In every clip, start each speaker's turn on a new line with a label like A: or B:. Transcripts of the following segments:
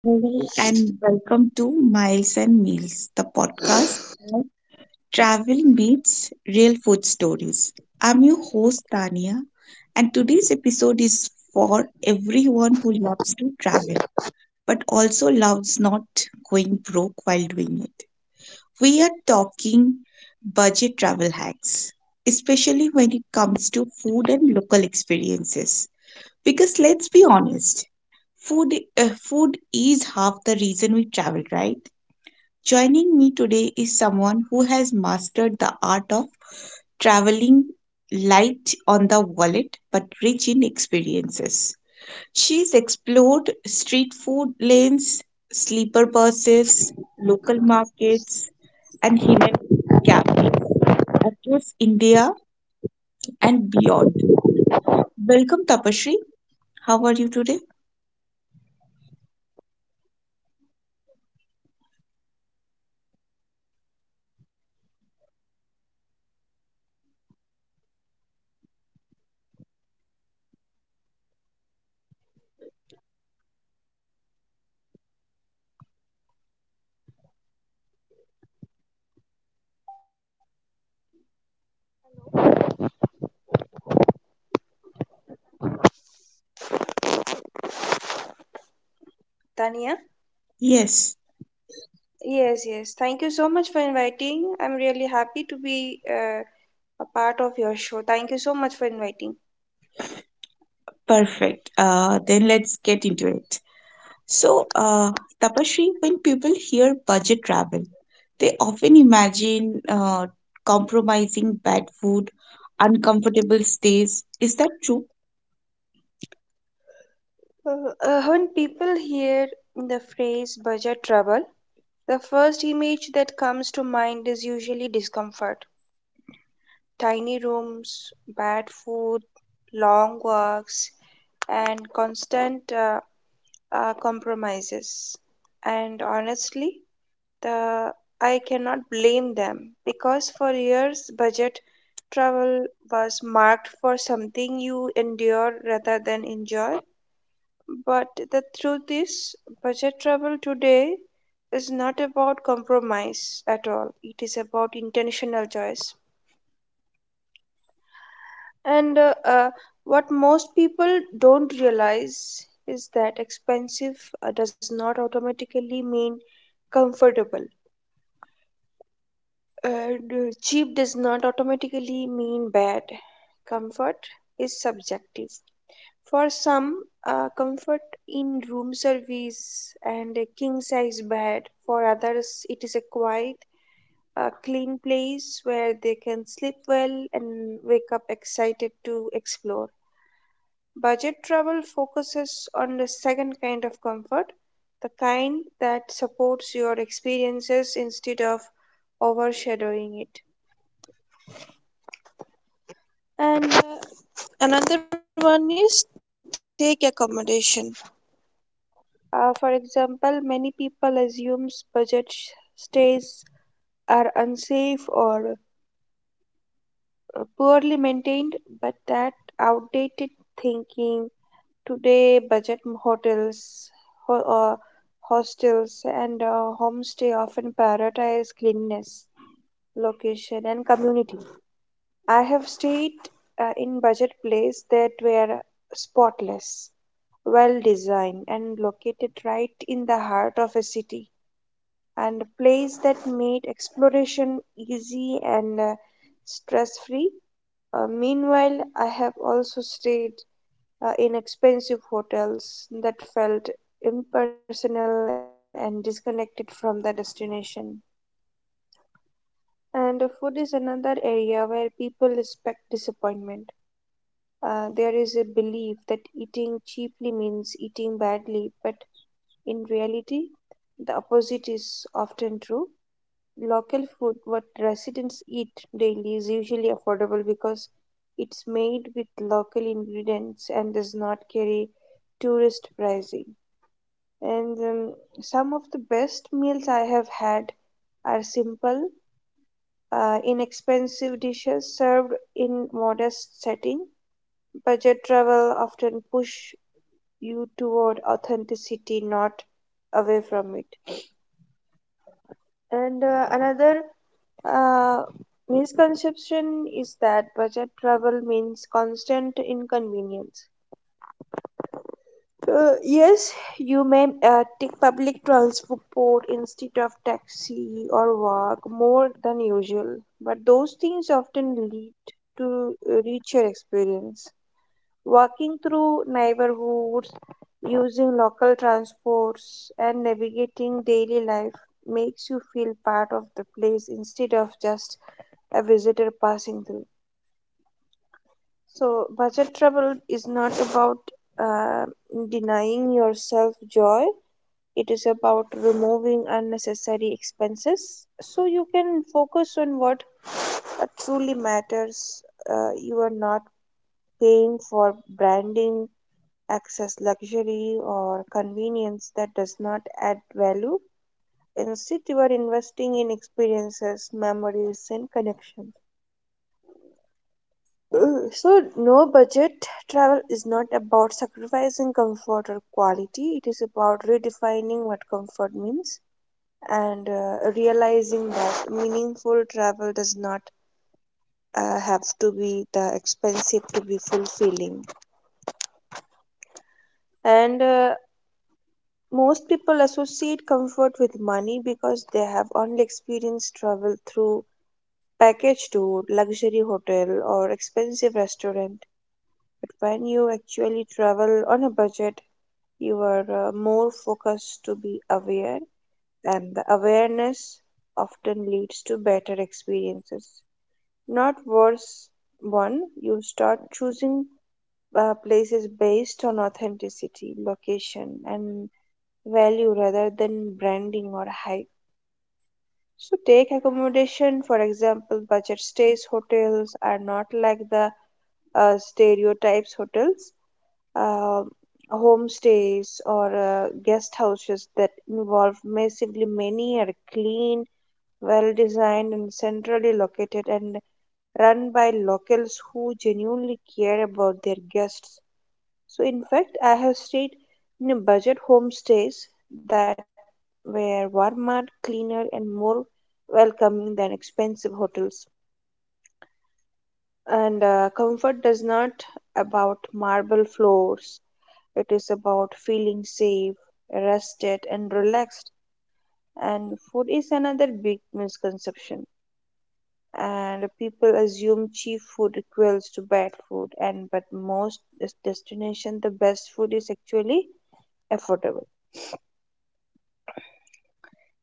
A: Hello and welcome to Miles and Meals, the podcast where travel meets real food stories. I'm your host Tania, and today's episode is for everyone who loves to travel but also loves not going broke while doing it. We are talking budget travel hacks, especially when it comes to food and local experiences. Because let's be honest, food is half the reason we travel, right? Joining me today is someone who has mastered the art of traveling light on the wallet but rich in experiences. She's explored street food lanes, sleeper buses, local markets, and hidden cafes across India and beyond. Welcome, Tapashri. How are you today?
B: Tania?
A: Yes,
B: Yes, yes. Thank you so much for inviting. I'm really happy to be a part of your show. Thank you so much for inviting.
A: perfect. Then let's get into it. So, uh, Tapashri, when people hear budget travel, they often imagine compromising bad food, uncomfortable stays. Is that true?
B: When people hear the phrase budget trouble, the first image that comes to mind is usually discomfort. Tiny rooms, bad food, long walks, and constant compromises. And honestly, the I cannot blame them because for years budget travel was marked for something you endure rather than enjoy. But the truth is, budget travel today is not about compromise at all, it is about intentional choice. And what most people don't realize is that expensive does not automatically mean comfortable. And cheap does not automatically mean bad. Comfort is subjective. For some, comfort in room service and a king size bed. For others, it is a quiet, clean place where they can sleep well and wake up excited to explore. Budget travel focuses on the second kind of comfort, the kind that supports your experiences instead of overshadowing it. And Another one is take accommodation. For example, many people assumes budget stays are unsafe or poorly maintained, but that outdated thinking. Today, budget hotels, ho- uh, hostels, and homestay often prioritize cleanliness, location, and community. I have stayed in budget place that were spotless, well designed, and located right in the heart of a city, and a place that made exploration easy and stress free. Meanwhile, I have also stayed in expensive hotels that felt impersonal and disconnected from the destination. And food is another area where people respect disappointment. There is a belief that eating cheaply means eating badly, but in reality, the opposite is often true. Local food, what residents eat daily, is usually affordable because it's made with local ingredients and does not carry tourist pricing. And some of the best meals I have had are simple, inexpensive dishes served in modest setting. Budget travel often push you toward authenticity, not away from it. And another uh, misconception is that budget travel means constant inconvenience. Yes, you may take public transport instead of taxi or walk more than usual, but those things often lead to a richer experience. Walking through neighborhoods, using local transports, and navigating daily life makes you feel part of the place instead of just a visitor passing through. So, budget travel is not about uh, denying yourself joy, it is about removing unnecessary expenses so you can focus on what truly matters. You are not paying for branding, excess luxury, or convenience that does not add value. Instead, you are investing in experiences, memories, and connections. So, no budget travel is not about sacrificing comfort or quality. It is about redefining what comfort means and realizing that meaningful travel does not have to be the expensive to be fulfilling. And most people associate comfort with money because they have only experienced travel through package tour, luxury hotel, or expensive restaurant. But when you actually travel on a budget, you are more focused to be aware, and the awareness often leads to better experiences, not worse. One you start choosing places based on authenticity, location, and value rather than branding or hype. So take accommodation, for example: budget stays hotels are not like the stereotypes hotels. um Homestays or guest houses that involve massively many are clean, well designed, and centrally located, and run by locals who genuinely care about their guests. So, in fact, I have stayed in a budget homestays that were warmer, cleaner, and more welcoming than expensive hotels. And comfort does not about marble floors. It is about feeling safe, rested, and relaxed. And food is another big misconception. And people assume cheap food equals to bad food, and but most destination the best food is actually affordable.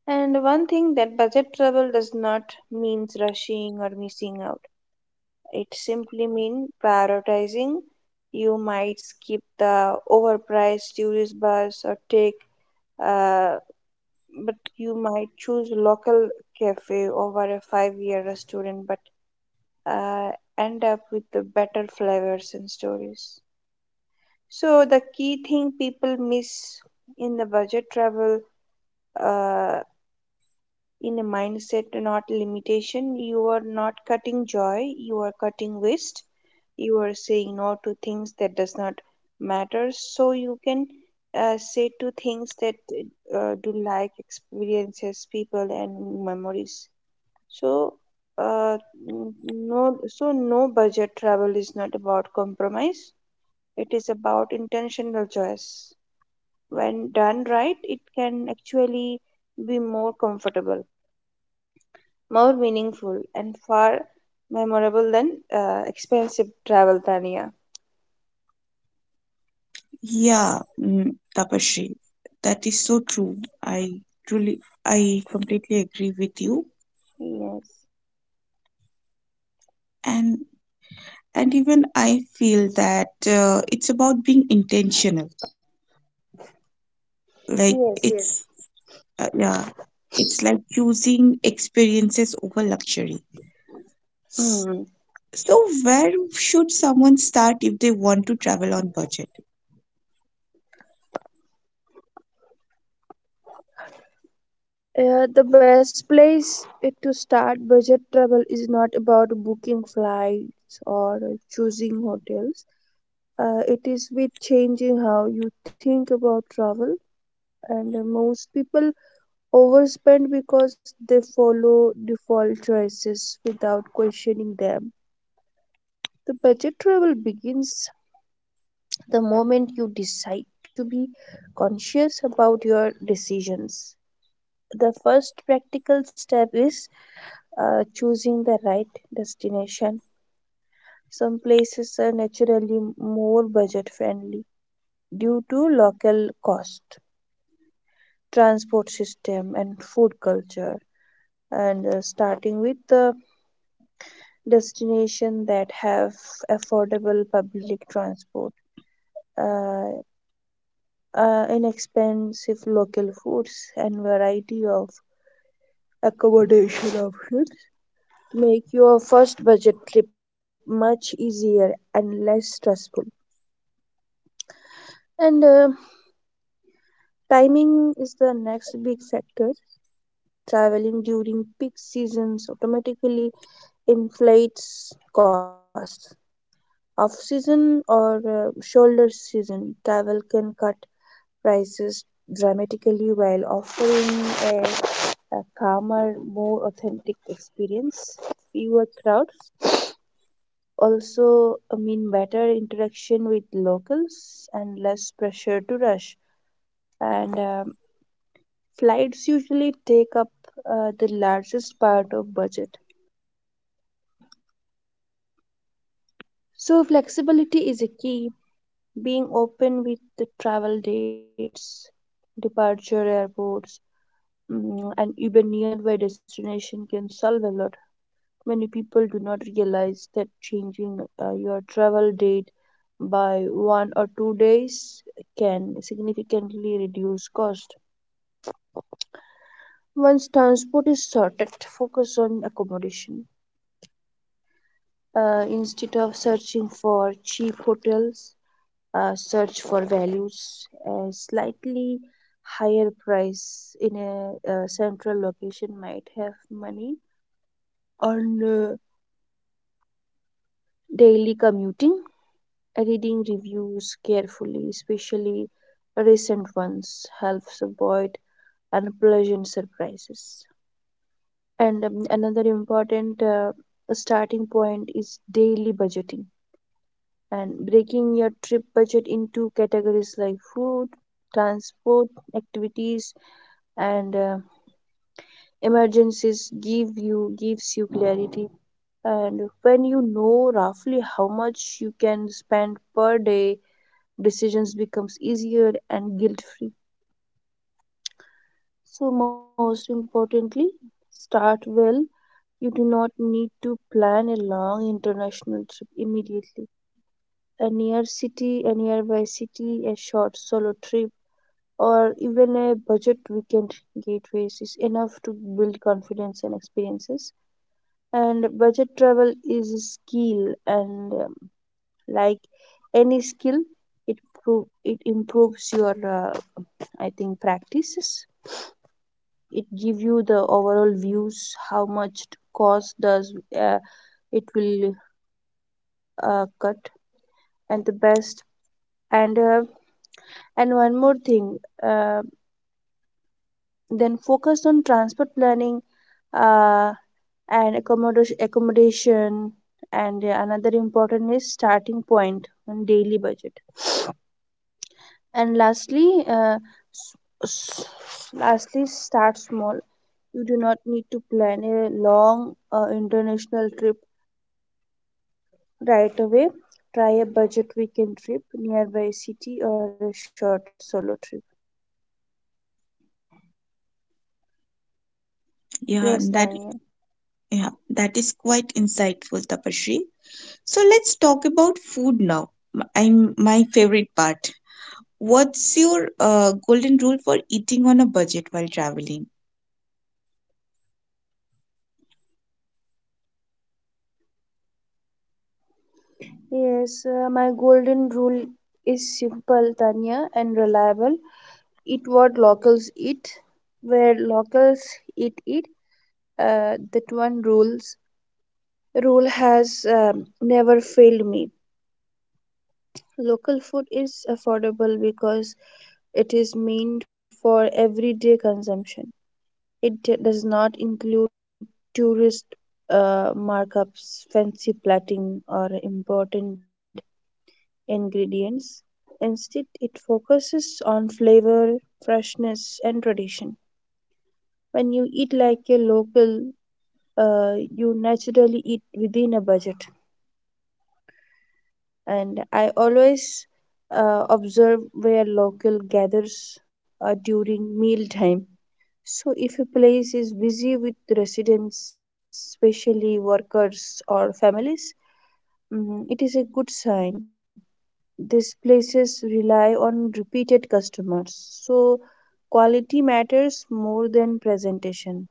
B: And one thing that budget travel does not means rushing or missing out. It simply means prioritizing. You might skip the overpriced tourist bus or take uh, but you might choose local cafe over a 5 year restaurant, but uh, end up with the better flavors and stories. So the key thing people miss in the budget travel, uh, in a mindset not limitation, you are not cutting joy, you are cutting waste, you are saying no to things that does not matter so you can say to things that do like experiences, people, and memories. So, uh, no, so no budget travel is not about compromise. It is about intentional choice. When done right, it can actually be more comfortable, more meaningful, and far memorable than expensive travel, Tania.
A: Yeah, mm, Tapashri, that is so true. I I completely agree with you,
B: Yes,
A: and even I feel that it's about being intentional.
B: yes,
A: Like
B: yes.
A: it's uh, yeah, it's like choosing experiences over luxury. S-
B: Mm.
A: So where should someone start if they want to travel on budget?
B: The best place to start budget travel is not about booking flights or choosing hotels. It is with changing how you think about travel. And most people overspend because they follow default choices without questioning them. The budget travel begins the moment you decide to be conscious about your decisions. The first practical step is choosing the right destination. Some places are naturally more budget friendly due to local cost, transport system, and food culture. And starting with the destination that have affordable public transport, uh, inexpensive local foods, and variety of accommodation options make your first budget trip much easier and less stressful. And timing is the next big factor. Traveling during peak seasons automatically inflates costs. Off season or shoulder season travel can cut prices dramatically while offering a a calmer, more authentic experience, fewer crowds, also, I mean, better interaction with locals and less pressure to rush. And flights usually take up the largest part of budget. So, flexibility is a key. Being open with the travel dates, departure airports, and even nearby destination can solve a lot. Many people do not realize that changing your travel date by 1 or 2 days can significantly reduce cost. Once transport is sorted, focus on accommodation. Instead of searching for cheap hotels, search for values. A slightly higher price in a, central location might have money on daily commuting. Reading reviews carefully, especially recent ones, helps avoid unpleasant surprises. And another important starting point is daily budgeting, and breaking your trip budget into categories like food, transport, activities, and emergencies gives you clarity. And when you know roughly how much you can spend per day, decisions becomes easier and guilt-free. So most importantly, start well. You do not need to plan a long international trip immediately. A nearby city, a short solo trip, or even a budget weekend gateways is enough to build confidence and experiences. And budget travel is a skill, and like any skill, it improves your I think practices. It give you the overall views, how much it cost does it will cut, and the best. And uh, and one more thing, then focus on transport planning uh, and accommodation, and another important is starting point on daily budget. And s- s- lastly, start small. You do not need to plan a long international trip right away. Try a budget weekend trip nearby city or a short solo trip. Yes,
A: Yeah, and
B: Tanya.
A: that yeah, that is quite insightful, Tapashri. So let's talk about food now. I'm my favorite part. What's your golden rule for eating on a budget while traveling?
B: Yes, my golden rule is simple, Tanya, and reliable. Eat what locals eat, where locals eat it. That one rule has never failed me. Local food is affordable because it is meant for everyday consumption. It does not include tourist markups, fancy plating, or important ingredients. Instead, it focuses on flavor, freshness, and tradition. When you eat like a local, you naturally eat within a budget. And I always observe where local gathers during mealtime. So, if a place is busy with residents, especially workers or families, it is a good sign. These places rely on repeated customers, so quality matters more than presentation.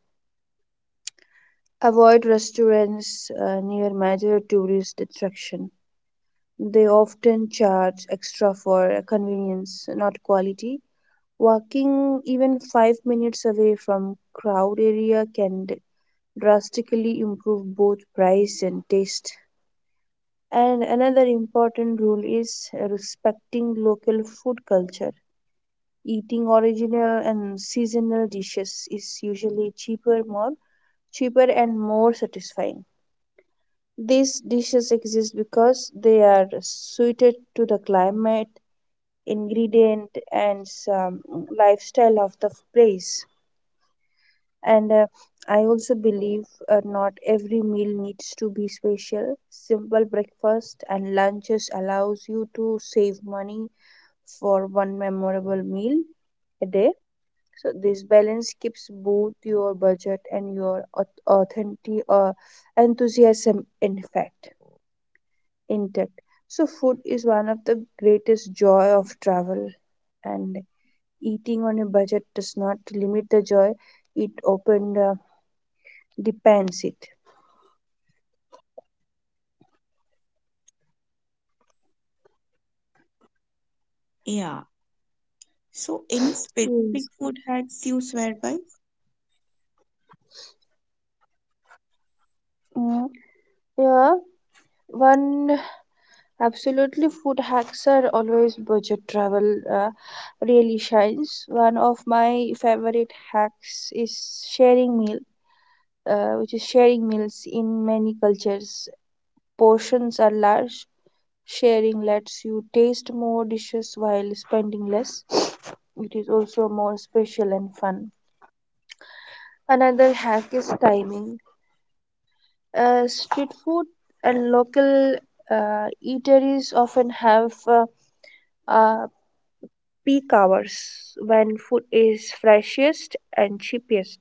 B: Avoid restaurants near major tourist attraction. They often charge extra for convenience, not quality. Walking even 5 minutes away from crowd area can drastically improve both price and taste. And another important rule is respecting local food culture. Eating original and seasonal dishes is usually cheaper, more cheaper and more satisfying. These dishes exist because they are suited to the climate, ingredient, and some lifestyle of the place. And I also believe not every meal needs to be special. Simple breakfast and lunches allows you to save money for one memorable meal a day. So this balance keeps both your budget and your authentic enthusiasm in fact intact. So food is one of the greatest joy of travel and eating on a budget does not limit the joy it open depends it
A: Yeah. So, any specific
B: yes
A: food hacks you swear by?
B: mm, yeah one Absolutely, food hacks are always budget travel really shines. One of my favorite hacks is sharing meals in many cultures. Portions are large. Sharing lets you taste more dishes while spending less. It is also more special and fun. Another hack is timing. Street food and local eateries often have uh, peak hours when food is freshest and cheapest.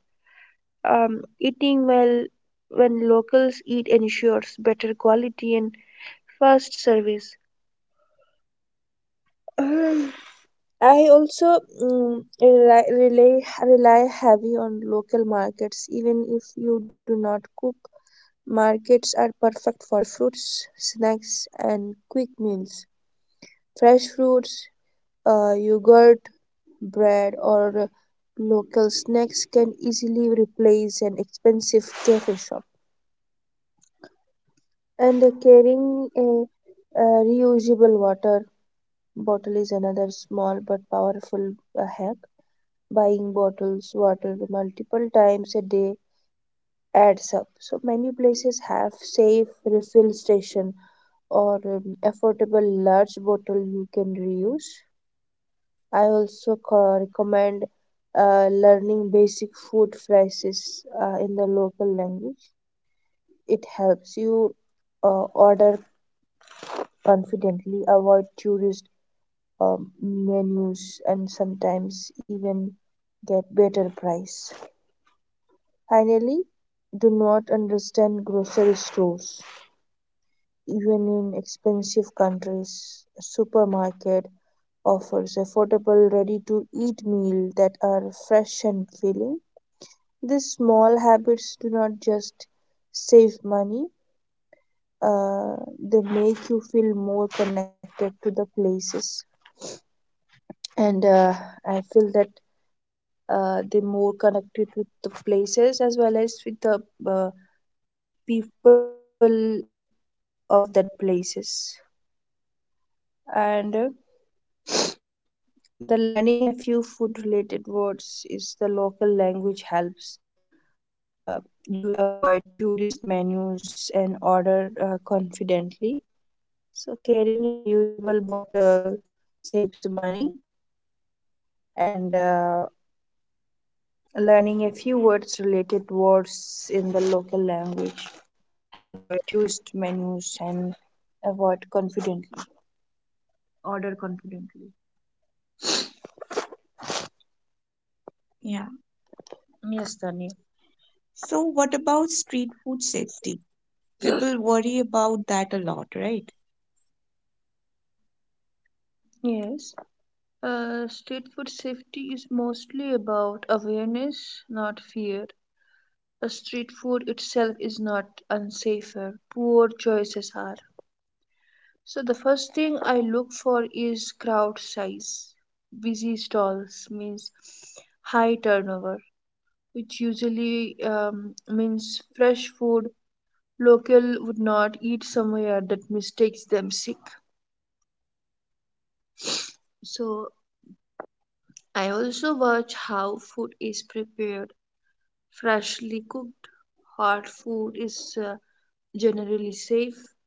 B: Eating well when locals eat ensures better quality and fast service. Um, I also rely heavy on local markets, even if you do not cook. Markets are perfect for fruits, snacks, and quick meals. Fresh fruits, yogurt, bread, or local snacks can easily replace an expensive cafe shop. And carrying a reusable water bottle is another small but powerful hack. Buying bottles water multiple times a day adds up. So many places have safe refill station or affordable large bottle you can reuse. I also recommend learning basic food phrases in the local language. It helps you order confidently, avoid tourist menus, and sometimes even get better price. Finally, do not understand grocery stores. Even in expensive countries, supermarket offers affordable ready-to-eat meal that are fresh and filling. These small habits do not just save money, uh, they make you feel more connected to the places. And I feel that they're more connected with the places as well as with the uh, people of that places. And the learning a few food related words is the local language helps. You avoid tourist menus and order confidently. So carrying a usable bottle saves money, and learning a few words related words in the local language helps you avoid tourist menus and avoid confidently order confidently.
A: Yeah.
B: Yes, Tanya.
A: So, what about street food safety? People worry about that a lot, right?
B: Yes. Street food safety is mostly about awareness, not fear. A street food itself is not unsafer. Poor choices are. So the first thing I look for is crowd size. Busy stalls means high turnover, which usually means fresh food. Local would not eat somewhere that mistakes them sick. So I also watch how food is prepared. Freshly cooked, hot food is generally safe.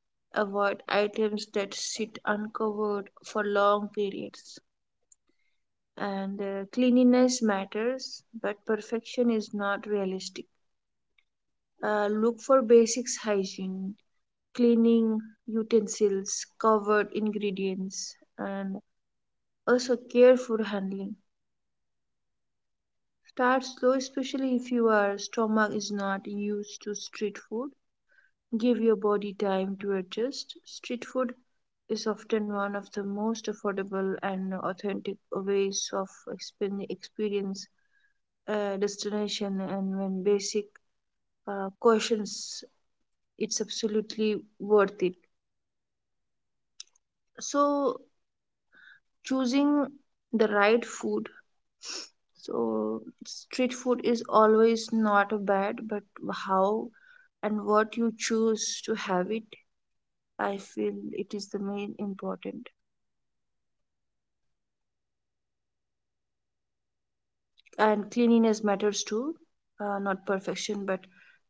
B: Avoid items that sit uncovered for long periods. And cleanliness matters, but perfection is not realistic. Look for basics hygiene, cleaning utensils, covered ingredients, and also careful handling. Start slow, especially if your stomach is not used to street food. Give your body time to adjust. Street food is often one of the most affordable and authentic ways of experience a destination, and when basic questions, it's absolutely worth it. So choosing the right food, so street food is always not bad, but how and what you choose to have it, I feel it is the main important. And cleanliness matters too, not perfection, but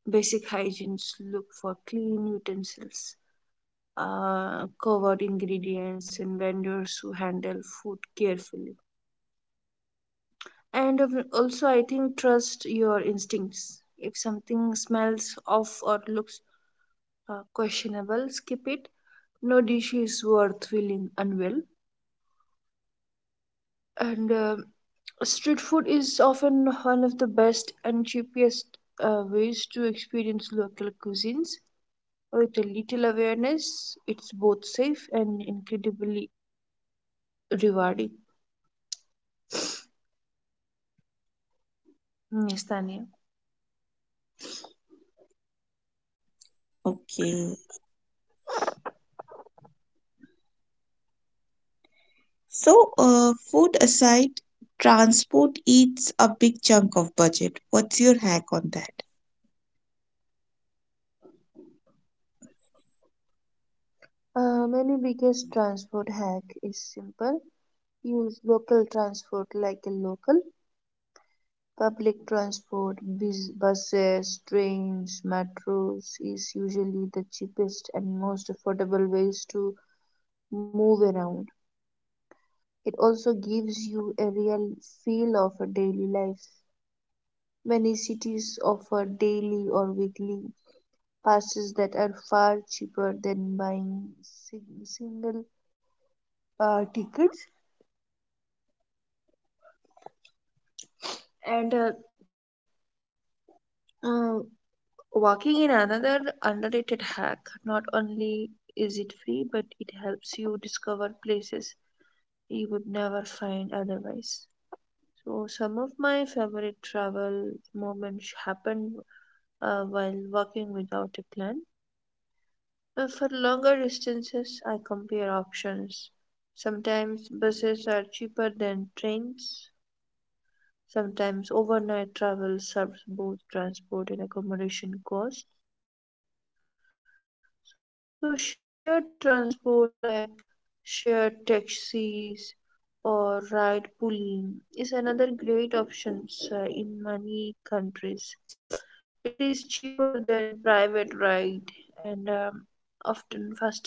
B: basic hygienes, look for clean utensils, covered ingredients and vendors who handle food carefully. And also I think trust your instincts. If something smells off or looks questionable, skip it. No dish is worth feeling unwell. And street food is often one of the best and cheapest ways to experience local cuisines. With a little awareness it's both safe and incredibly rewarding. Yes, Tanya.
A: Okay. Food aside, transport eats a big chunk of budget. What's your hack on that?
B: My biggest transport hack is simple. Use local transport like the local public transport, buses, trains, metros is usually the cheapest and most affordable ways to move around. It also gives you a real feel of a daily life. Many cities offer daily or weekly passes that are far cheaper than buying single tickets. And uh, Walking in another underrated hack. Not only is it free, but it helps you discover places you would never find otherwise. So, some of my favorite travel moments happen while walking without a plan. For longer distances, I compare options. Sometimes buses are cheaper than trains. Sometimes overnight travel serves both transport and accommodation costs. So shared transport like shared taxis or ride pooling is another great option in many countries. It is cheaper than private ride and often faster than buses.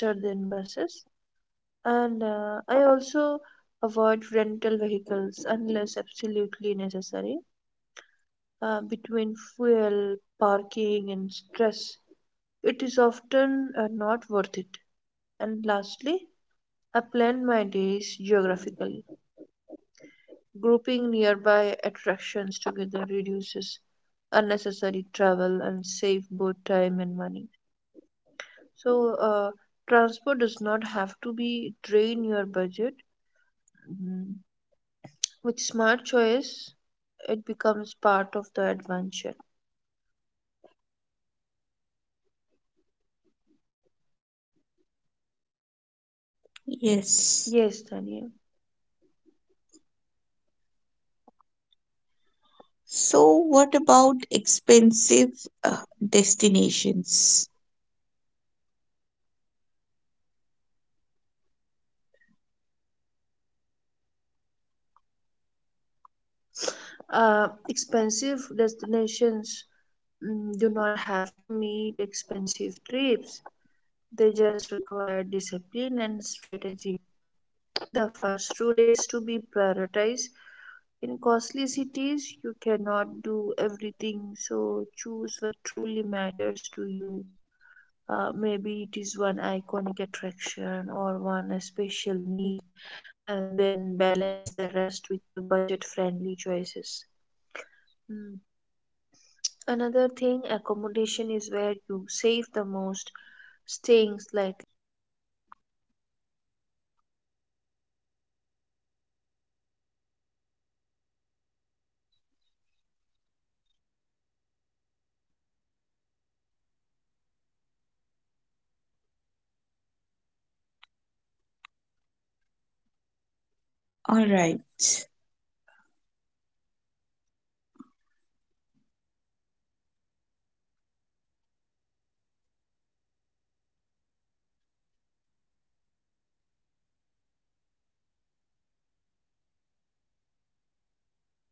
B: And I also avoid rental vehicles unless absolutely necessary. Between fuel, parking, and stress, it is often not worth it. And lastly, I plan my days geographically. Grouping nearby attractions together reduces unnecessary travel and save both time and money. So, uh, transport does not have to be drain your budget. Mm, With smart choice, it becomes part of the adventure. Yes,
A: Yes.
B: Tanya.
A: So, what about expensive uh, destinations?
B: Expensive destinations do not have to meet expensive trips. They just require discipline and strategy. The first rule is to be prioritized. In costly cities, you cannot do everything, so choose what truly matters to you. Maybe it is one iconic attraction or one special meal, and then balance the rest with the budget friendly choices. Mm. Another thing, accommodation is where you save the most, staying slightly outside the city near center or choosing capsules hotels, hostels, or shared apartment can drastically cut costs. In cities like London or New York, proximity to be
A: All
B: metro
A: right.
B: lines matters more than being central. And food strategy is crucial. Expensive cities often have excellent affordable food, but food sense are food trucks at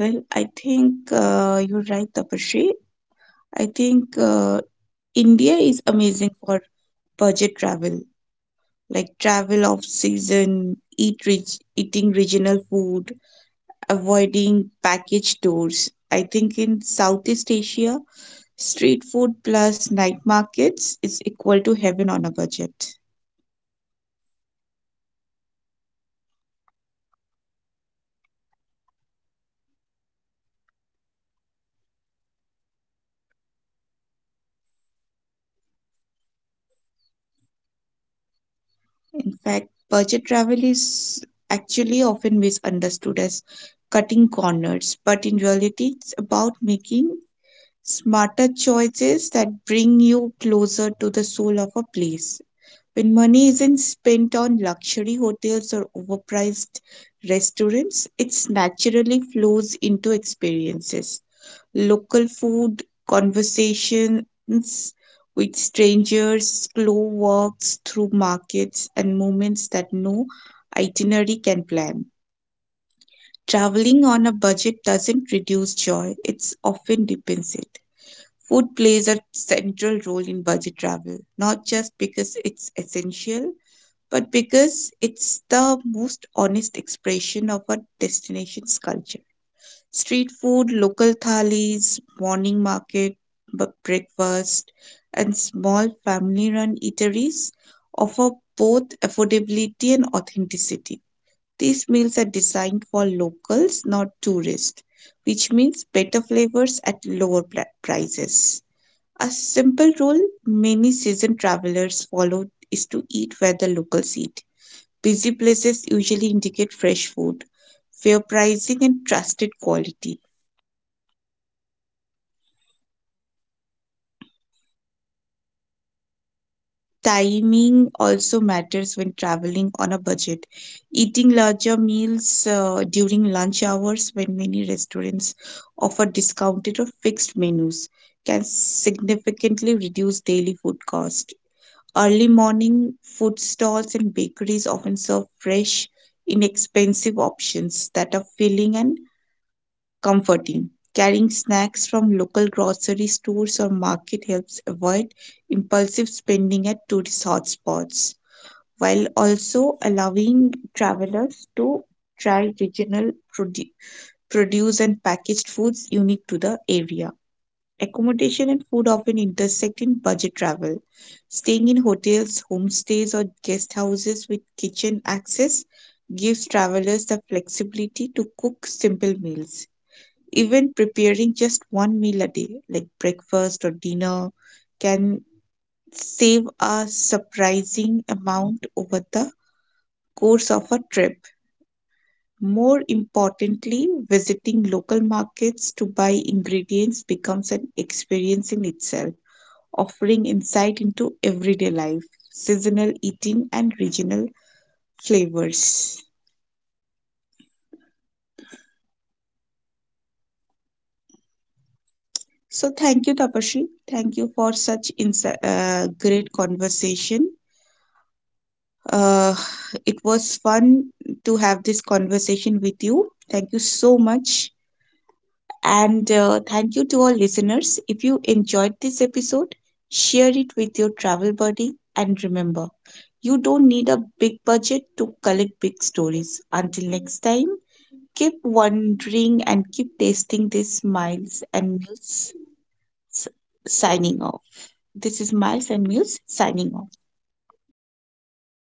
A: Well, I think
B: ethnic
A: you're right,
B: neighborhoods,
A: Tapashri.
B: lunch
A: I think
B: special, and
A: India is
B: bakeries.
A: amazing for
B: Eating
A: budget
B: your
A: travel,
B: main re-
A: like travel
B: main
A: off
B: meal at
A: season,
B: lunch instead
A: eat
B: of
A: rich,
B: dinner
A: eating regional
B: can
A: food,
B: help your food
A: avoiding
B: digest,
A: package tours.
B: and
A: I
B: free
A: think in
B: attraction
A: Southeast Asia,
B: becomes
A: street food
B: your
A: plus
B: best
A: night
B: friend.
A: markets
B: Park
A: is equal
B: and
A: to heaven on a
B: viewpoints,
A: budget.
B: street art, neighborhood, libraries, and public spaces, so many iconic experiences cost nothing. Lastly, slow down. Expensive destinations pushes rush travel.
A: In fact, budget travel
B: Staying
A: is
B: longer in one
A: actually
B: place
A: often
B: reduces
A: misunderstood as
B: transport costs
A: cutting corners,
B: and
A: but in
B: allows you
A: reality, it's
B: to
A: about
B: discover
A: making
B: affordable routineness.
A: smarter choices that bring you closer to the soul of a place. When money isn't spent on luxury hotels or overpriced restaurants, it naturally flows into experiences, local food, conversations with strangers, slow walks through markets, and moments that no itinerary can plan. Traveling on a budget doesn't reduce joy, it often deepens it. Food plays a central role in budget travel,
B: Am I
A: not just
B: audible,
A: because
B: Tania?
A: it's essential, but because it's the most honest expression of a destination's culture. Street food, local thalis, morning market, breakfast, and small family run eateries offer both
B: Tania, am I
A: affordability and
B: audible?
A: authenticity. These meals are designed
B: Tania?
A: for locals, not tourists, which means better flavors at lower prices. A simple rule many seasoned travelers follow is to eat where the locals eat. Busy places usually indicate fresh food, fair pricing, and trusted quality timing also matters when
B: Tania, am I
A: traveling on a
B: audible?
A: budget. Eating larger meals during lunch hours, when many restaurants offer discounted or fixed menus, can significantly reduce daily food cost. Early morning food stalls and bakeries often serve fresh, inexpensive options that are filling and comforting. Carrying snacks from local grocery stores or market helps avoid impulsive spending at tourist hotspots, while also allowing travelers to try regional produce and packaged foods unique to the area. Accommodation and food often intersect in budget travel. Staying in hotels, homestays, or guest houses with kitchen access gives travelers the flexibility to cook simple meals. Even preparing just one meal a day, like breakfast or dinner, can save a surprising amount over the course of a trip. More importantly, visiting local markets to buy ingredients becomes an experience in itself, offering insight into everyday life, seasonal eating, and regional flavors. So, thank you, Tapashi. Thank you for such great conversation. Uh, it was fun to have this conversation with you. Thank you so much. And thank you to our listeners. If you enjoyed this episode, share it with your travel buddy. And remember, you don't need a big budget to collect big stories. Until next time, keep wondering and keep tasting these Miles and Mills s- signing off. This is Miles and Mills signing off.